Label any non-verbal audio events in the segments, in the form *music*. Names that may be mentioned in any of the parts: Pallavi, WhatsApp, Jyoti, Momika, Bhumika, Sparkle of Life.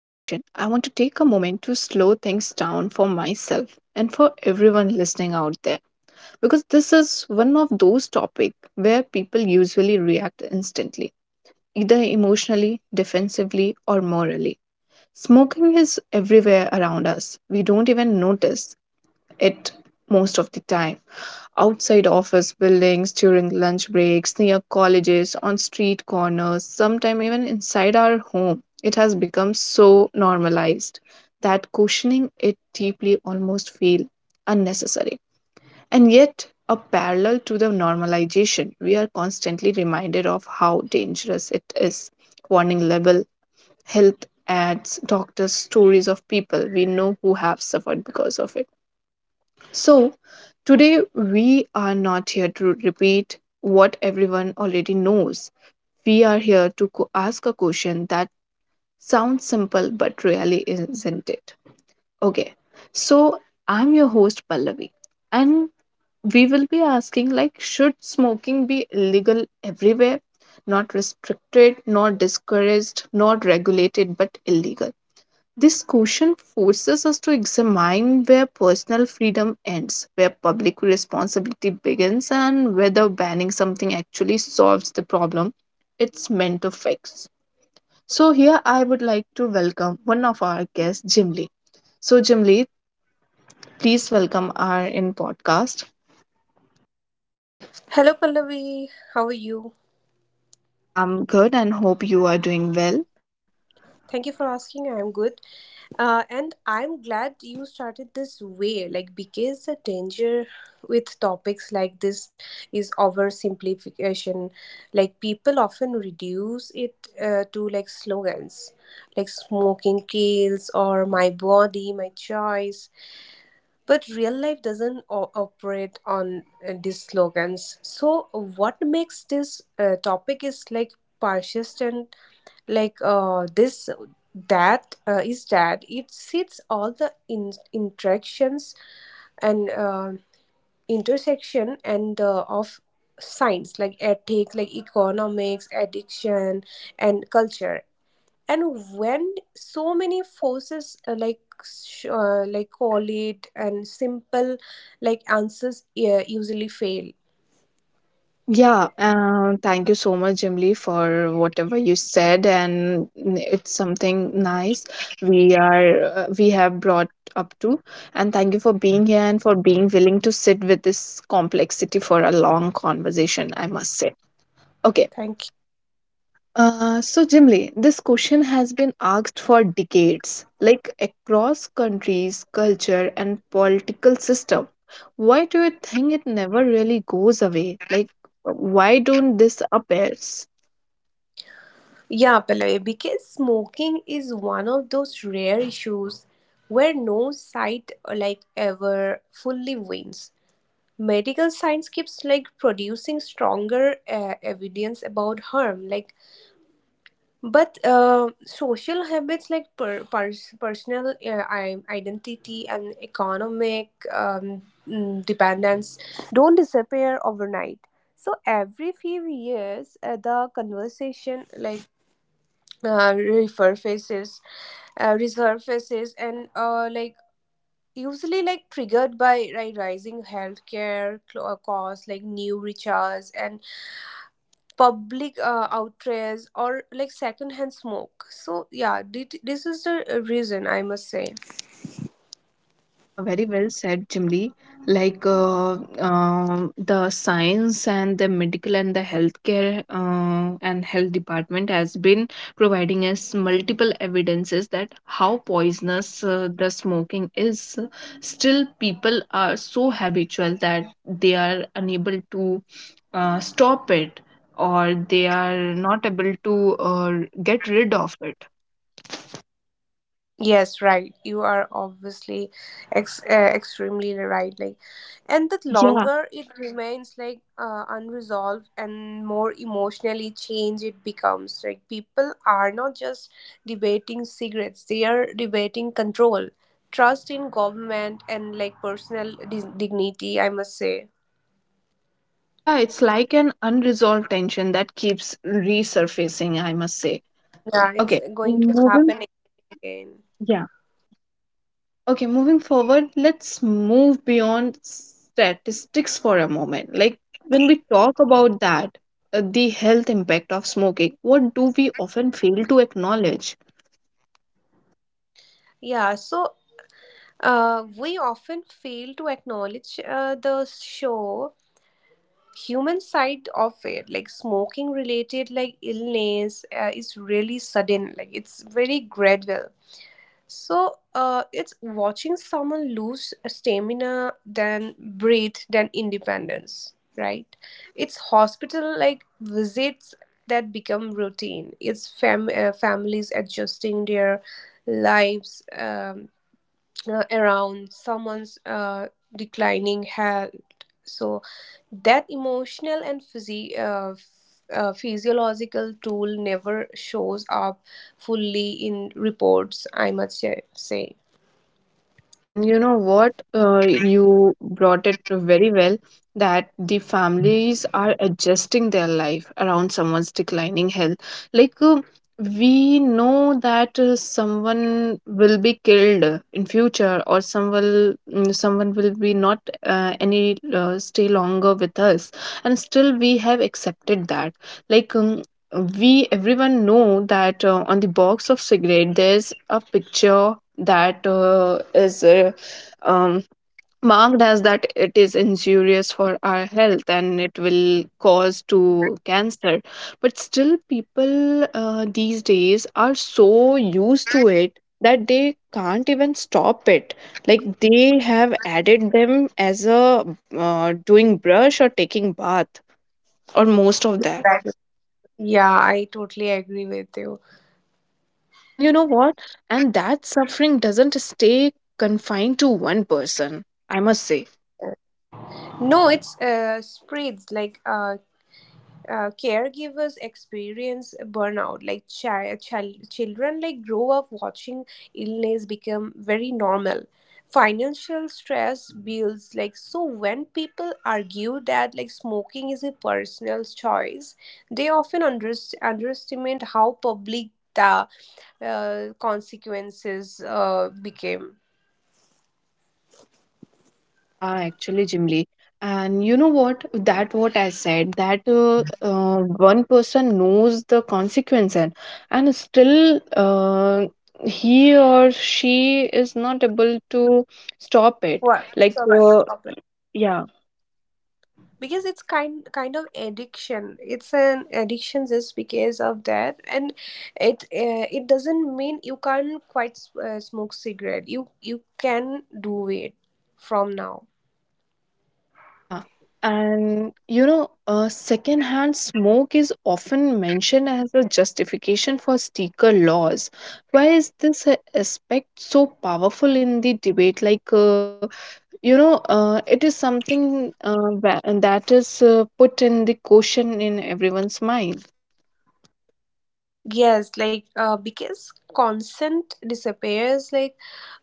I want to take a moment to slow things down for myself and for everyone listening out there because this is one of those topics where people usually react instantly, either emotionally, defensively, or morally. Smoking is everywhere around us. We don't even notice it most of the time outside office buildings, during lunch breaks, near colleges, on street corners, sometimes even inside our home. It has become so normalized that questioning it deeply almost feel unnecessary. And yet, a parallel to the normalization, we are constantly reminded of how dangerous it is. Warning label, health ads, doctors' stories of people we know who have suffered because of it so, today we are not here to repeat what everyone already knows. We are here to ask a question that sounds simple but really isn't it. Okay. So, I'm your host Pallavi and we will be asking like should smoking be illegal everywhere? Not restricted, not discouraged, not regulated but illegal this question forces us to examine where personal freedom ends, where public responsibility begins, and whether banning something actually solves the problem it's meant to fix. So, here I would like to welcome one of our guests, Jim Lee. So, Jim Lee, please welcome our in podcast. Hello, Pallavi. How are you? I'm good and hope you are doing well. Thank you for asking. I'm good. And I'm glad you started this way, like, because the danger with topics like this is oversimplification. Like, people often reduce it to like slogans, like smoking kills or my body, my choice. But real life doesn't operate on these slogans. So what makes this topic is like persistent, like this that is that it sits all the interactions and intersection and of science, like ethic, like economics, addiction, and culture. And when so many forces, like call it, and simple like answers usually fail. Yeah, thank you so much, Jimly, for whatever you said, and it's something nice we have brought up to. And thank you for being here and for being willing to sit with this complexity for a long conversation, I must say. Okay, Thank you. So, Jimli, this question has been asked for decades, like across countries, culture, and political system. Why do you think it never really goes away? Like, why don't this appears? Yeah, Pallavi, because smoking is one of those rare issues where no side like ever fully wins. Medical science keeps like producing stronger evidence about harm, like. But social habits, like personal identity, and economic dependence don't disappear overnight. So every few years, the conversation like uh, resurfaces, resurfaces, and like usually like triggered by, like, rising healthcare costs, like new recharges, and public outrages or like secondhand smoke. So yeah, this is the reason, I must say. Yeah, very well said, Jimli. Like uh, the science and the medical and the healthcare and health department has been providing us multiple evidences that how poisonous the smoking is. Still, people are so habitual that they are unable to stop it or they are not able to get rid of it. Yes, right. You are obviously extremely right. Like, and the Yeah, longer it remains like unresolved, and more emotionally changed it becomes. Like, people are not just debating cigarettes; they are debating control, trust in government, and like personal dignity, I must say. Yeah, it's like an unresolved tension that keeps resurfacing, I must say. Yeah, it's Okay, going to moving. happen again. Yeah. Okay, moving forward, let's move beyond statistics for a moment. Like, when we talk about that, the health impact of smoking, what do we often fail to acknowledge? Yeah, so we often fail to acknowledge the show human side of it. Like, smoking related like illness is really sudden, like it's very gradual. So it's watching someone lose stamina, then breathe, then independence, right? It's hospital like visits that become routine. It's families adjusting their lives, around someone's declining health. So that emotional and physiological tool never shows up fully in reports, I must say. And you know what? You brought it very well that the families are adjusting their life around someone's declining health. Like, we know that someone will be killed in future or some will, someone will be not any stay longer with us and still we have accepted that like we everyone know that on the box of cigarette there's a picture that is um, marked as that it is injurious for our health and it will cause to cancer but still people these days are so used to it that they can't even stop it like they have added them as a doing brush or taking bath or most of that Exactly. Yeah, I totally agree with you. and you know what and that suffering doesn't stay confined to one person I must say No, it's spreads like, caregivers experience burnout, like children like grow up watching illness become very normal, financial stress builds, like. So when people argue that like smoking is a personal choice, they often underestimate how public the consequences became. Yeah, actually, Jimly. And you know what? That what I said that one person knows the consequence and still he or she is not able to stop it. What? Like Stop, uh, stop. yeah, Because it's kind of addiction. It's an addiction just because of that. And it it doesn't mean you can't quite smoke cigarette. You can do it from now. yeah. And you know, secondhand smoke is often mentioned as a justification for sticker laws. Why is this aspect so powerful in the debate? Like. You know it is something that is put in the question in everyone's mind Yes, like, because consent disappears, like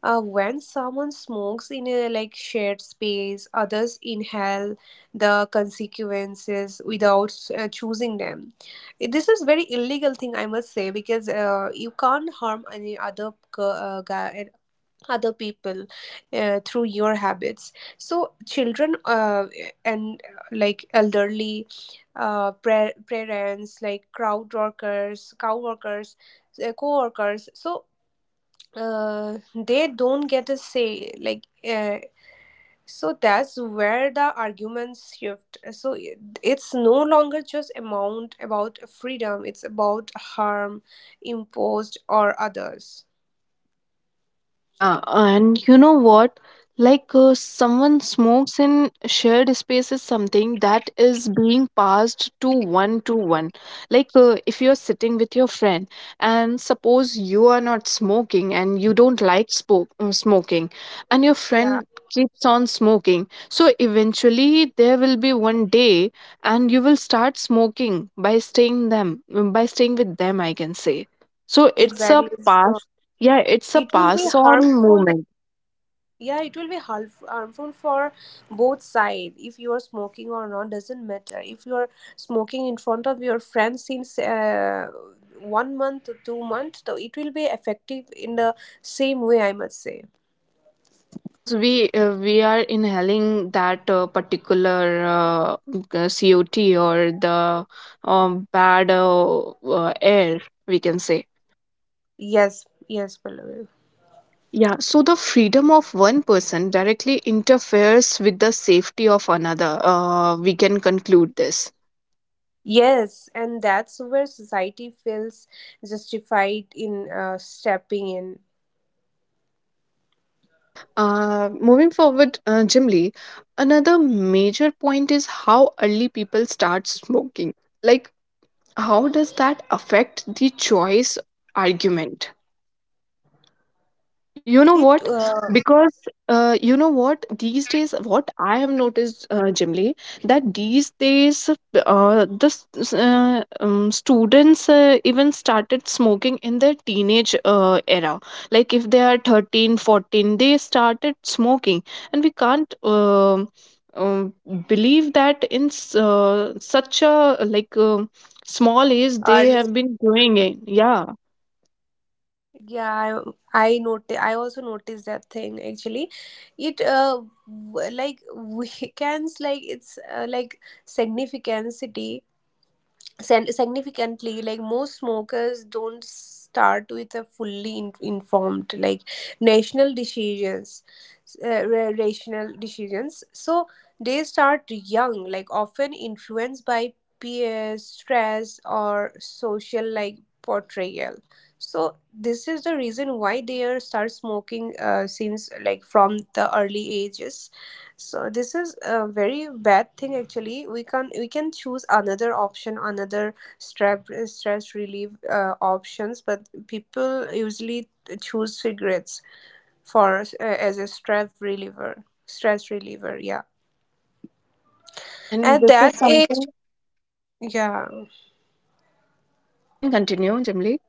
when someone smokes in a like shared space, others inhale the consequences without choosing them. This is very illegal thing, I must say, because you can't harm any other guy, other people, through your habits. So children and like elderly parents, like crowd workers, cow workers, co-workers. So they don't get a say, like. uh, so that's where the arguments shift. So it's no longer just amount about freedom, it's about harm imposed or others. Yeah, and you know what? Someone smokes in shared space is something that is being passed to one to one. If you're sitting with your friend and suppose you are not smoking and you don't like smoking and your Yeah, friend keeps on smoking. So eventually there will be one day and you will start smoking by staying with them I can say. So it's a exactly. So pass yeah, it's a it will be pass on harmful. movement. Yeah, it will be harmful for both sides. If you are smoking or not doesn't matter. If you are smoking in front of your friends since 1 month or 2 months, so it will be effective in the same way, I must say. Yeah, because we are inhaling that particular COT or the bad air, we can say. Yes, yes, Pallavi. Yeah, so the freedom of one person directly interferes with the safety of another. We can conclude this. Yes, and that's where society feels justified in stepping in. Okay. Moving forward, Jim Lee, another major point is how early people start smoking. Like How does that affect the choice argument? You know It what? Because you know what? These days, what I have noticed, Jimly, that these days, students even started smoking in their teenage era. Like if they are 13, 14, they started smoking, and we can't um, believe that in such a like small age they early. have been doing it. Yeah, Yeah, I noti I also noticed that thing, actually. It uh, w- like *laughs* weekends like it's like significance city significantly. Like, most smokers don't start with a fully informed like national decisions, rational decisions. So they start young, like often influenced by peers, stress, or social like portrayal. So this is the reason why they are start smoking since like from the early ages. So this is a very bad thing, actually. We can choose another option, another stress stress relief options, but people usually choose cigarettes for as a stress reliever. Stress reliever, yeah. yeah, and At that age, yeah. yeah, you can continue, Jimly.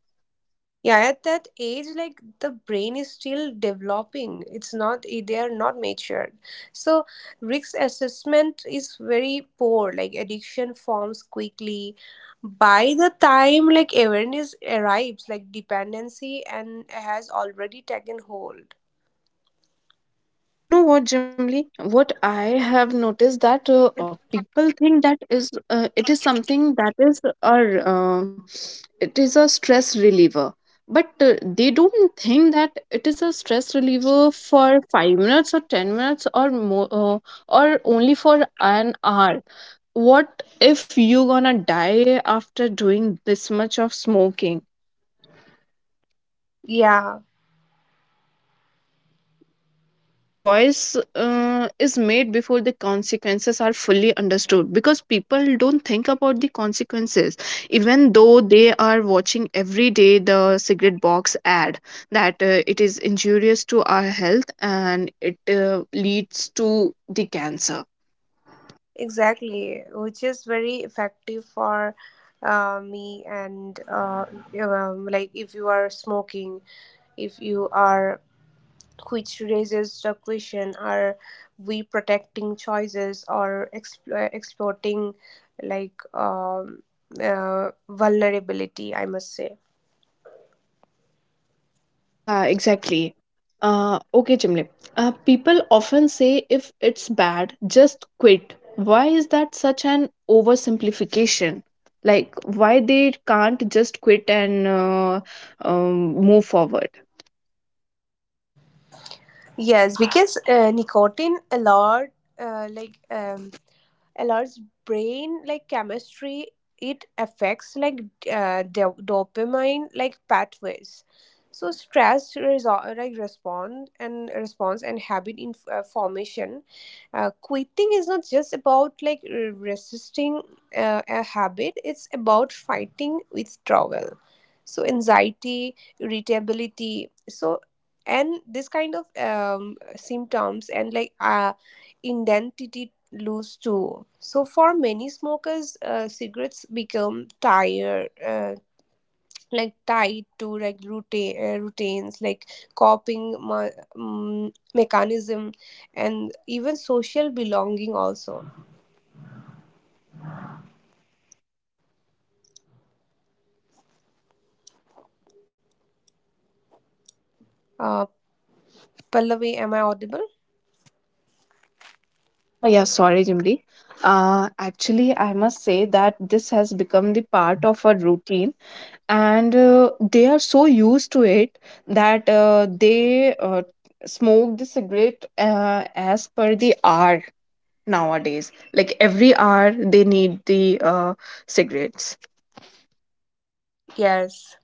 Yeah, at that age, like the brain is still developing. It's not, eh, they are not matured. So, risk assessment is very poor. Like, addiction forms quickly. By the time, like, awareness arrives, like, dependency and has already taken hold. You know what, Jimly? What I have noticed that people think that is it is something that is our it is a stress reliever, but they don't think that it is a stress reliever for 5 minutes or 10 minutes or more or only for an hour. What if you gonna die after doing this much of smoking? Yeah, Okay, so the choice is made before the consequences are fully understood because people don't think about the consequences, even though they are watching every day the cigarette box ad that it is injurious to our health and it leads to the cancer. exactly. Which is very effective for me and like if you are smoking, if you are, which raises the question: are we protecting choices or exploiting like um, vulnerability, I must say. Yeah, exactly. Okay, Chimle. People often say if it's bad, just quit. Why is that such an oversimplification? Like, why they can't just quit and move forward? Yes, because nicotine a lot, uh, like um, alerts brain like chemistry. It affects like dopamine like pathways. So stress like respond and response and habit formation. Quitting is not just about like resisting a habit, it's about fighting withdrawal. So anxiety, irritability. So and this kind of symptoms and like identity lose too. So for many smokers, cigarettes become tired, like tied to like routine routines, like coping mechanism, and even social belonging also. Uh, Pallavi, am I audible? Yeah, yeah, sorry, Jimli. Actually, I must say that this has become the part of a routine, and they are so used to it that they smoke the cigarette as per the hour nowadays. Like every hour, they need the cigarettes. Yes.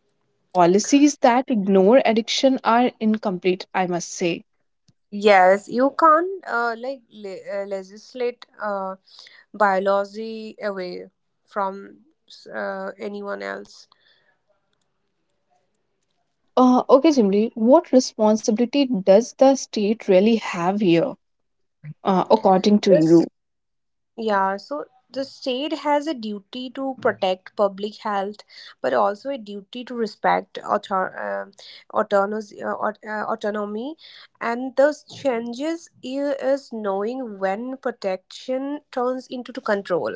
So policies that ignore addiction are incomplete, I must say. Yes, you can't legislate biology away from anyone else. Yeah. Okay, Jimli, what responsibility does the state really have here, according to This. you? Yeah, so the state has a duty to protect public health, but also a duty to respect autonomous, autonomy. And those changes here is knowing when protection turns into to control.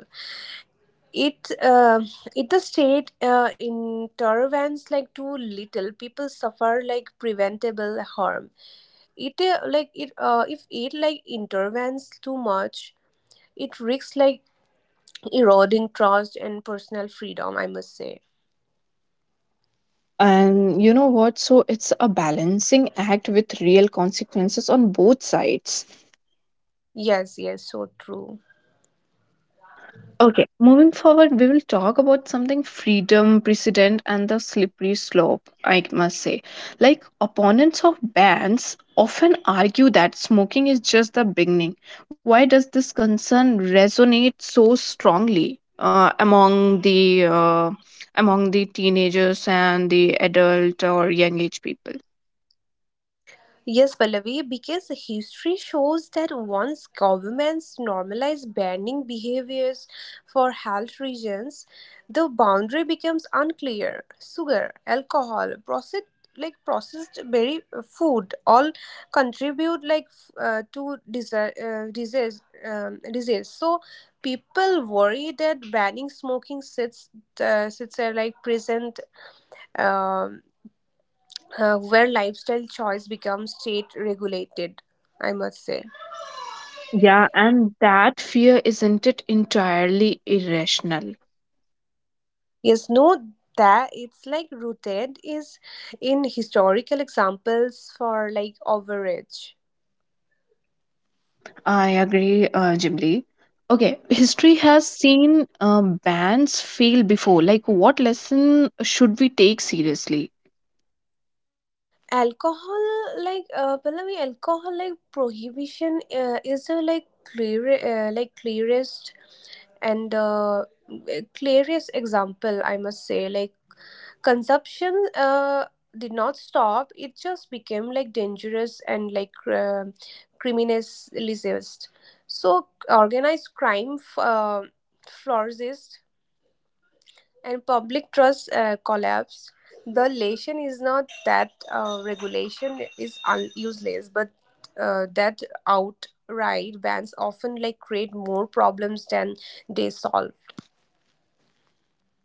It if the state intervenes like too little, people suffer like preventable harm. It like it if it like intervenes too much, it risks like eroding trust and personal freedom, I must say. Yeah, and you know what? So it's a balancing act with real consequences on both sides. Yes, yes, so true. Yeah. Okay, moving forward, we will talk about something freedom, precedent, and the slippery slope, I must say. Like, opponents of bans often argue that smoking is just the beginning. Why does this concern resonate so strongly? Among the among the teenagers and the adult or young age people Yes, Pallavi, because history shows that once governments normalize banning behaviors for health reasons, the boundary becomes unclear. Sugar, alcohol, processed like processed berry food, all contribute like to disease, disease disease. So people worry that banning smoking sits sits a like present, um, where lifestyle choice becomes state regulated, I must say. yeah and that fear isn't it entirely irrational Yes, no, that it's like rooted is in historical examples for like overage. Yeah, I agree, Jim Lee. Okay, history has seen bands fail before. Like, what lesson should we take seriously? Alcohol like, Pallavi, alcohol like prohibition is the like clear clearest and clearest example, I must say. Like, consumption did not stop, it just became like dangerous and like criminalized. So organized crime flourished, and public trust collapsed. The lesson is not that regulation is useless, but that outright bans often like create more problems than they solve.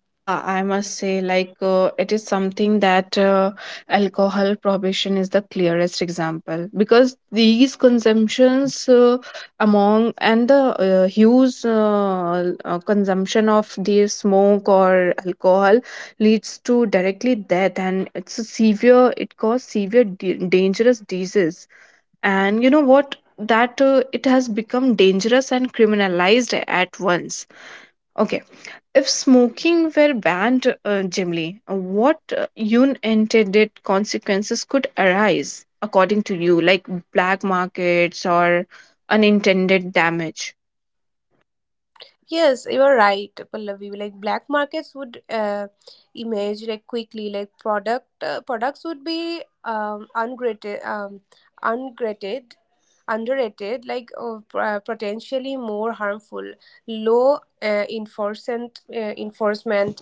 Yeah, I must say, like, it is something that alcohol prohibition is the clearest example because these consumptions among and the huge consumption of the smoke or alcohol leads to directly death, and it's a severe, it causes severe, dangerous disease. And you know what? That it has become dangerous and criminalized at once. Okay if smoking were banned generally, what unintended consequences could arise, according to you, like black markets or unintended damage? Yes, you are right, Pallavi. Like black markets would emerge like quickly. Like product products would be ungraded, underrated, like potentially more harmful. Low enforcement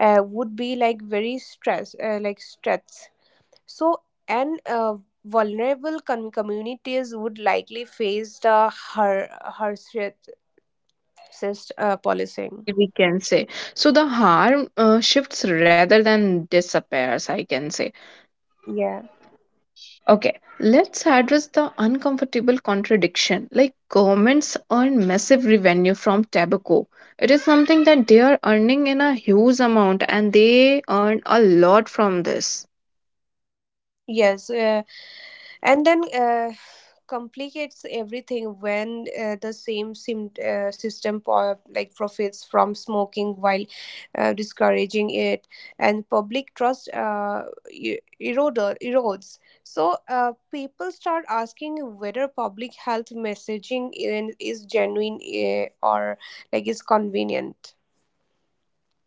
would be like very stress, like stress. So and vulnerable communities would likely face the harshest Yeah, policing. We can say. So the harm shifts rather than disappears, I can say. Yeah. Okay, let's address the uncomfortable contradiction. Like governments earn massive revenue from tobacco. It is something that they are earning in a huge amount and they earn a lot from this. Yes. And then complicates everything when the same system like profits from smoking while discouraging it, and public trust erodes. So people start asking whether public health messaging is genuine or like is convenient.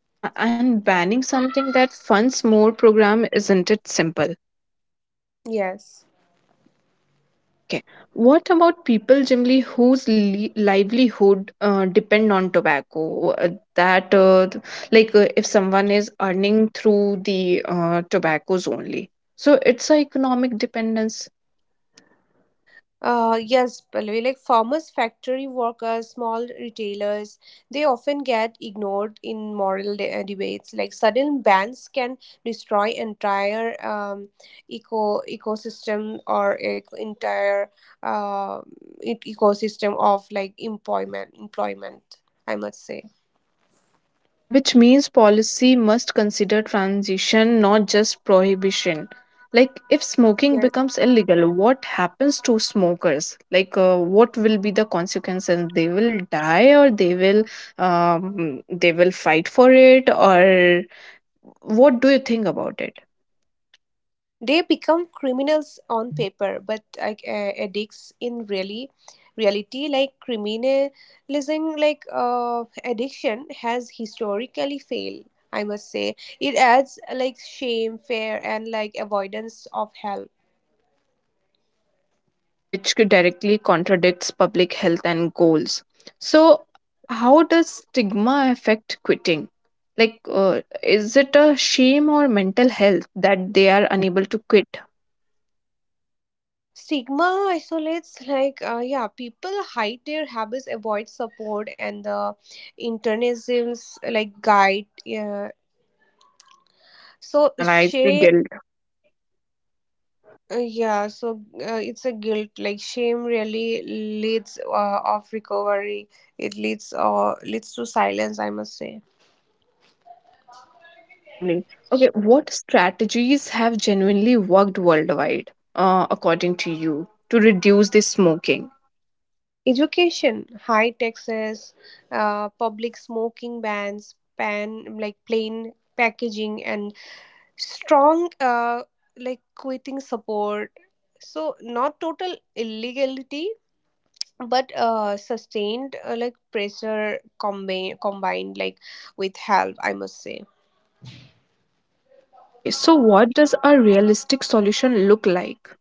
Yeah, and banning something that funds more program isn't it simple? Yes. Okay. What about people generally whose livelihood depend on tobacco? That th- like If someone is earning through the tobaccos only, so it's an economic dependence. Yes, Pallavi, like farmers, factory workers, small retailers, they often get ignored in moral debates. Like, sudden bans can destroy entire ecosystem or entire uh, ecosystem of like employment. Employment, I must say. Yeah, which means policy must consider transition, not just prohibition. Like, if smoking Yes. becomes illegal, what happens to smokers? Like, what will be the consequences? They will die, or they will fight for it, or what do you think about it? They become criminals on paper, but like addicts in really reality. Like criminalizing, like addiction has historically failed, I must say. It adds like shame, fear, and like avoidance of help. Yeah, which could directly contradicts public health and goals. So, how does stigma affect quitting? Like, is it a shame or mental health that they are unable to quit? Stigma isolates like, yeah, people hide their habits, avoid support, and the internisms like guide. Yeah, Yeah, so internalize the shame, guilt. Yeah, so it's a guilt. Like shame really leads of recovery. It leads to silence, I must say. Yeah, generally. Okay, what strategies have genuinely worked worldwide, according to you, to reduce the smoking? Education, high taxes, public smoking bans, pan like plain packaging, and strong like quitting support. So not total illegality, but sustained like pressure combined like with help, I must say. Okay, so what does a realistic solution look like?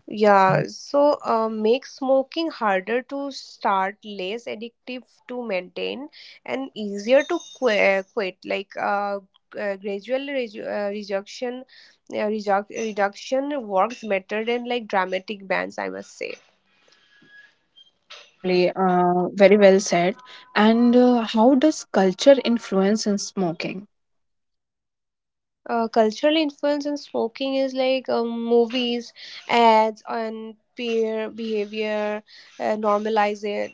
Yeah, so make smoking harder to start, less addictive to maintain, and easier to quit. Like gradual reduction, reduction works better than like dramatic bans, I must say. Yeah, Jimli, very well said. And how does culture influence in smoking? Uh, cultural influence in smoking is like movies, ads, and peer behavior normalize it.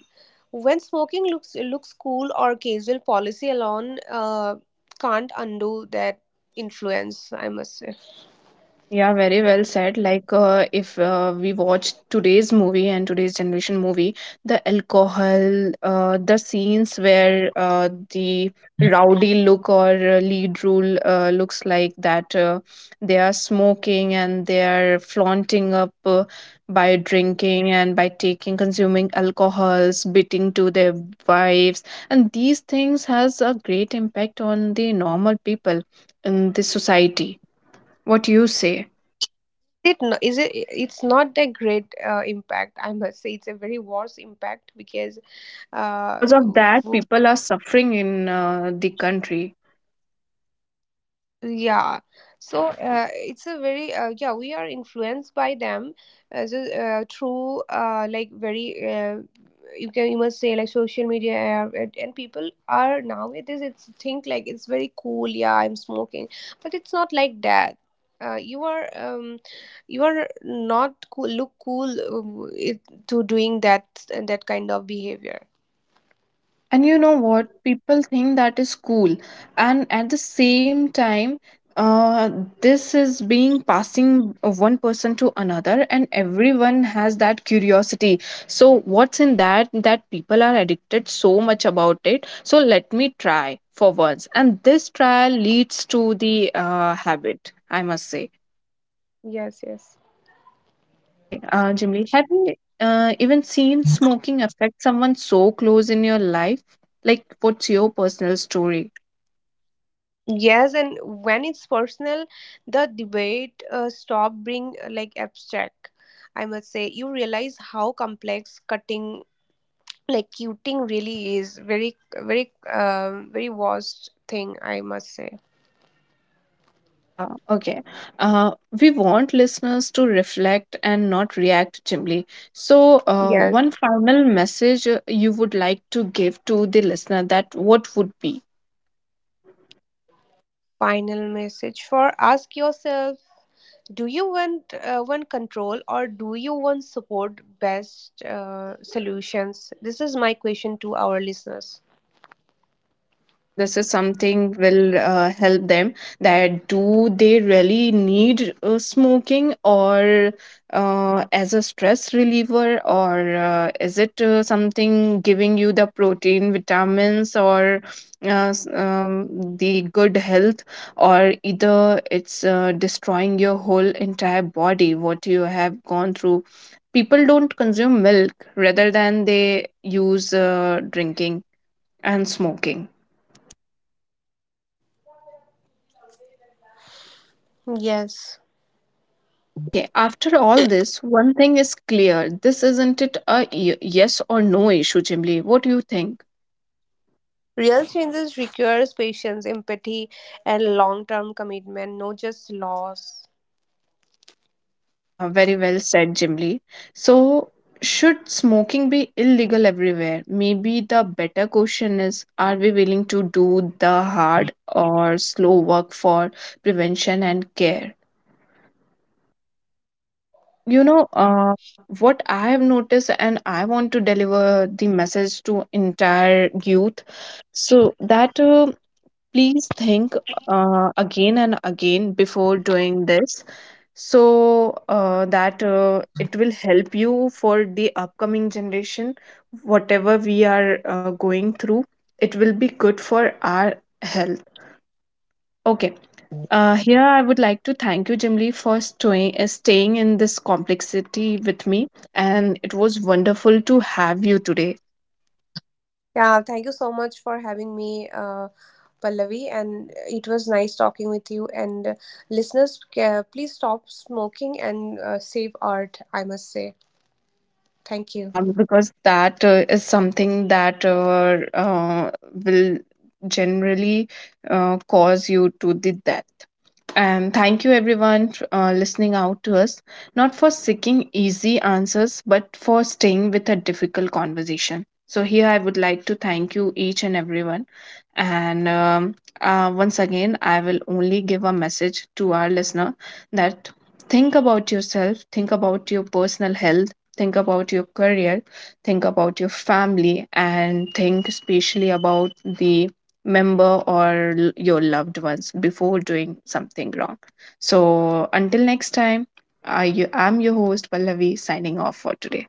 When smoking looks cool or casual, policy alone can't undo that influence, I must say. Yeah, very well said. Like, if we watch today's movie and today's generation movie, the alcohol, the scenes where the rowdy look or lead role looks like that they are smoking and they are flaunting up by drinking and by taking, consuming alcohols, beating to their wives, and these things has a great impact on the normal people in the society. What you say? It is it. It's not a great impact, I must say. It's a very worse impact because Yeah, uh, because of that, people are suffering in the country. Yeah, so it's a very yeah, we are influenced by them as a, through like very you can you must say like social media and people are nowadays it's think like it's very cool, yeah I'm smoking, but it's not like that. You are you are not cool, look cool um, it, to doing that kind of behavior. And you know what? People think that is cool. And at the same time, uh, this is being passing of one person to another, and everyone has that curiosity. So, what's in that? That people are addicted so much about it. So, let me try for once. And this trial leads to the habit, I must say. Yes, yes. Okay, Jimli, have you even seen smoking affect someone so close in your life? Like, what's your personal story? Yes, and when it's personal, the debate stop being like abstract, I must say. You realize how complex cutting, like cutting, really is. Very, very, very vast thing, I must say. Yeah, okay. Uh, we want listeners to reflect and not react, Jimli. So, Yes. one final message you would like to give to the listener that what would be? Final message for ask yourself: Do you want control, or do you want support? Best solutions. This is my question to our listeners. Okay, and this is something will help them that do they really need smoking or as a stress reliever or is it something giving you the protein, vitamins or uh, s- um, the good health or either it's destroying your whole entire body, what you have gone through. People don't consume milk rather than they use drinking and smoking. Yes. Okay, after all this, one thing is clear. This isn't it a yes or no issue, Jimly. What do you think? Real changes requires patience, empathy, and long-term commitment, not just loss. Okay, yeah, very well said, Jimly. So, should smoking be illegal everywhere? Maybe the better question is are we willing to do the hard or slow work for prevention and care? And you know, what I have noticed, and I want to deliver the message to entire youth so that Please think again and again before doing this so that it will help you for the upcoming generation. Whatever we are going through, it will be good for our health. Okay. Here, I would like to thank you, Jimli, for staying in this complexity with me, and it was wonderful to have you today. Yeah, thank you so much for having me, Pallavi, and it was nice talking with you. And Listeners, please stop smoking and save art, I must say. Thank you. Yeah, because that is something that will generally cause you to the death. And thank you, everyone, listening out to us, not for seeking easy answers, but for staying with a difficult conversation. So, here I would like to thank you, each and everyone. And once again, I will only give a message to our listener that think about yourself, think about your personal health, think about your career, think about your family, and think especially about the member or your loved ones before doing something wrong. So until next time, I am your host Pallavi signing off for today.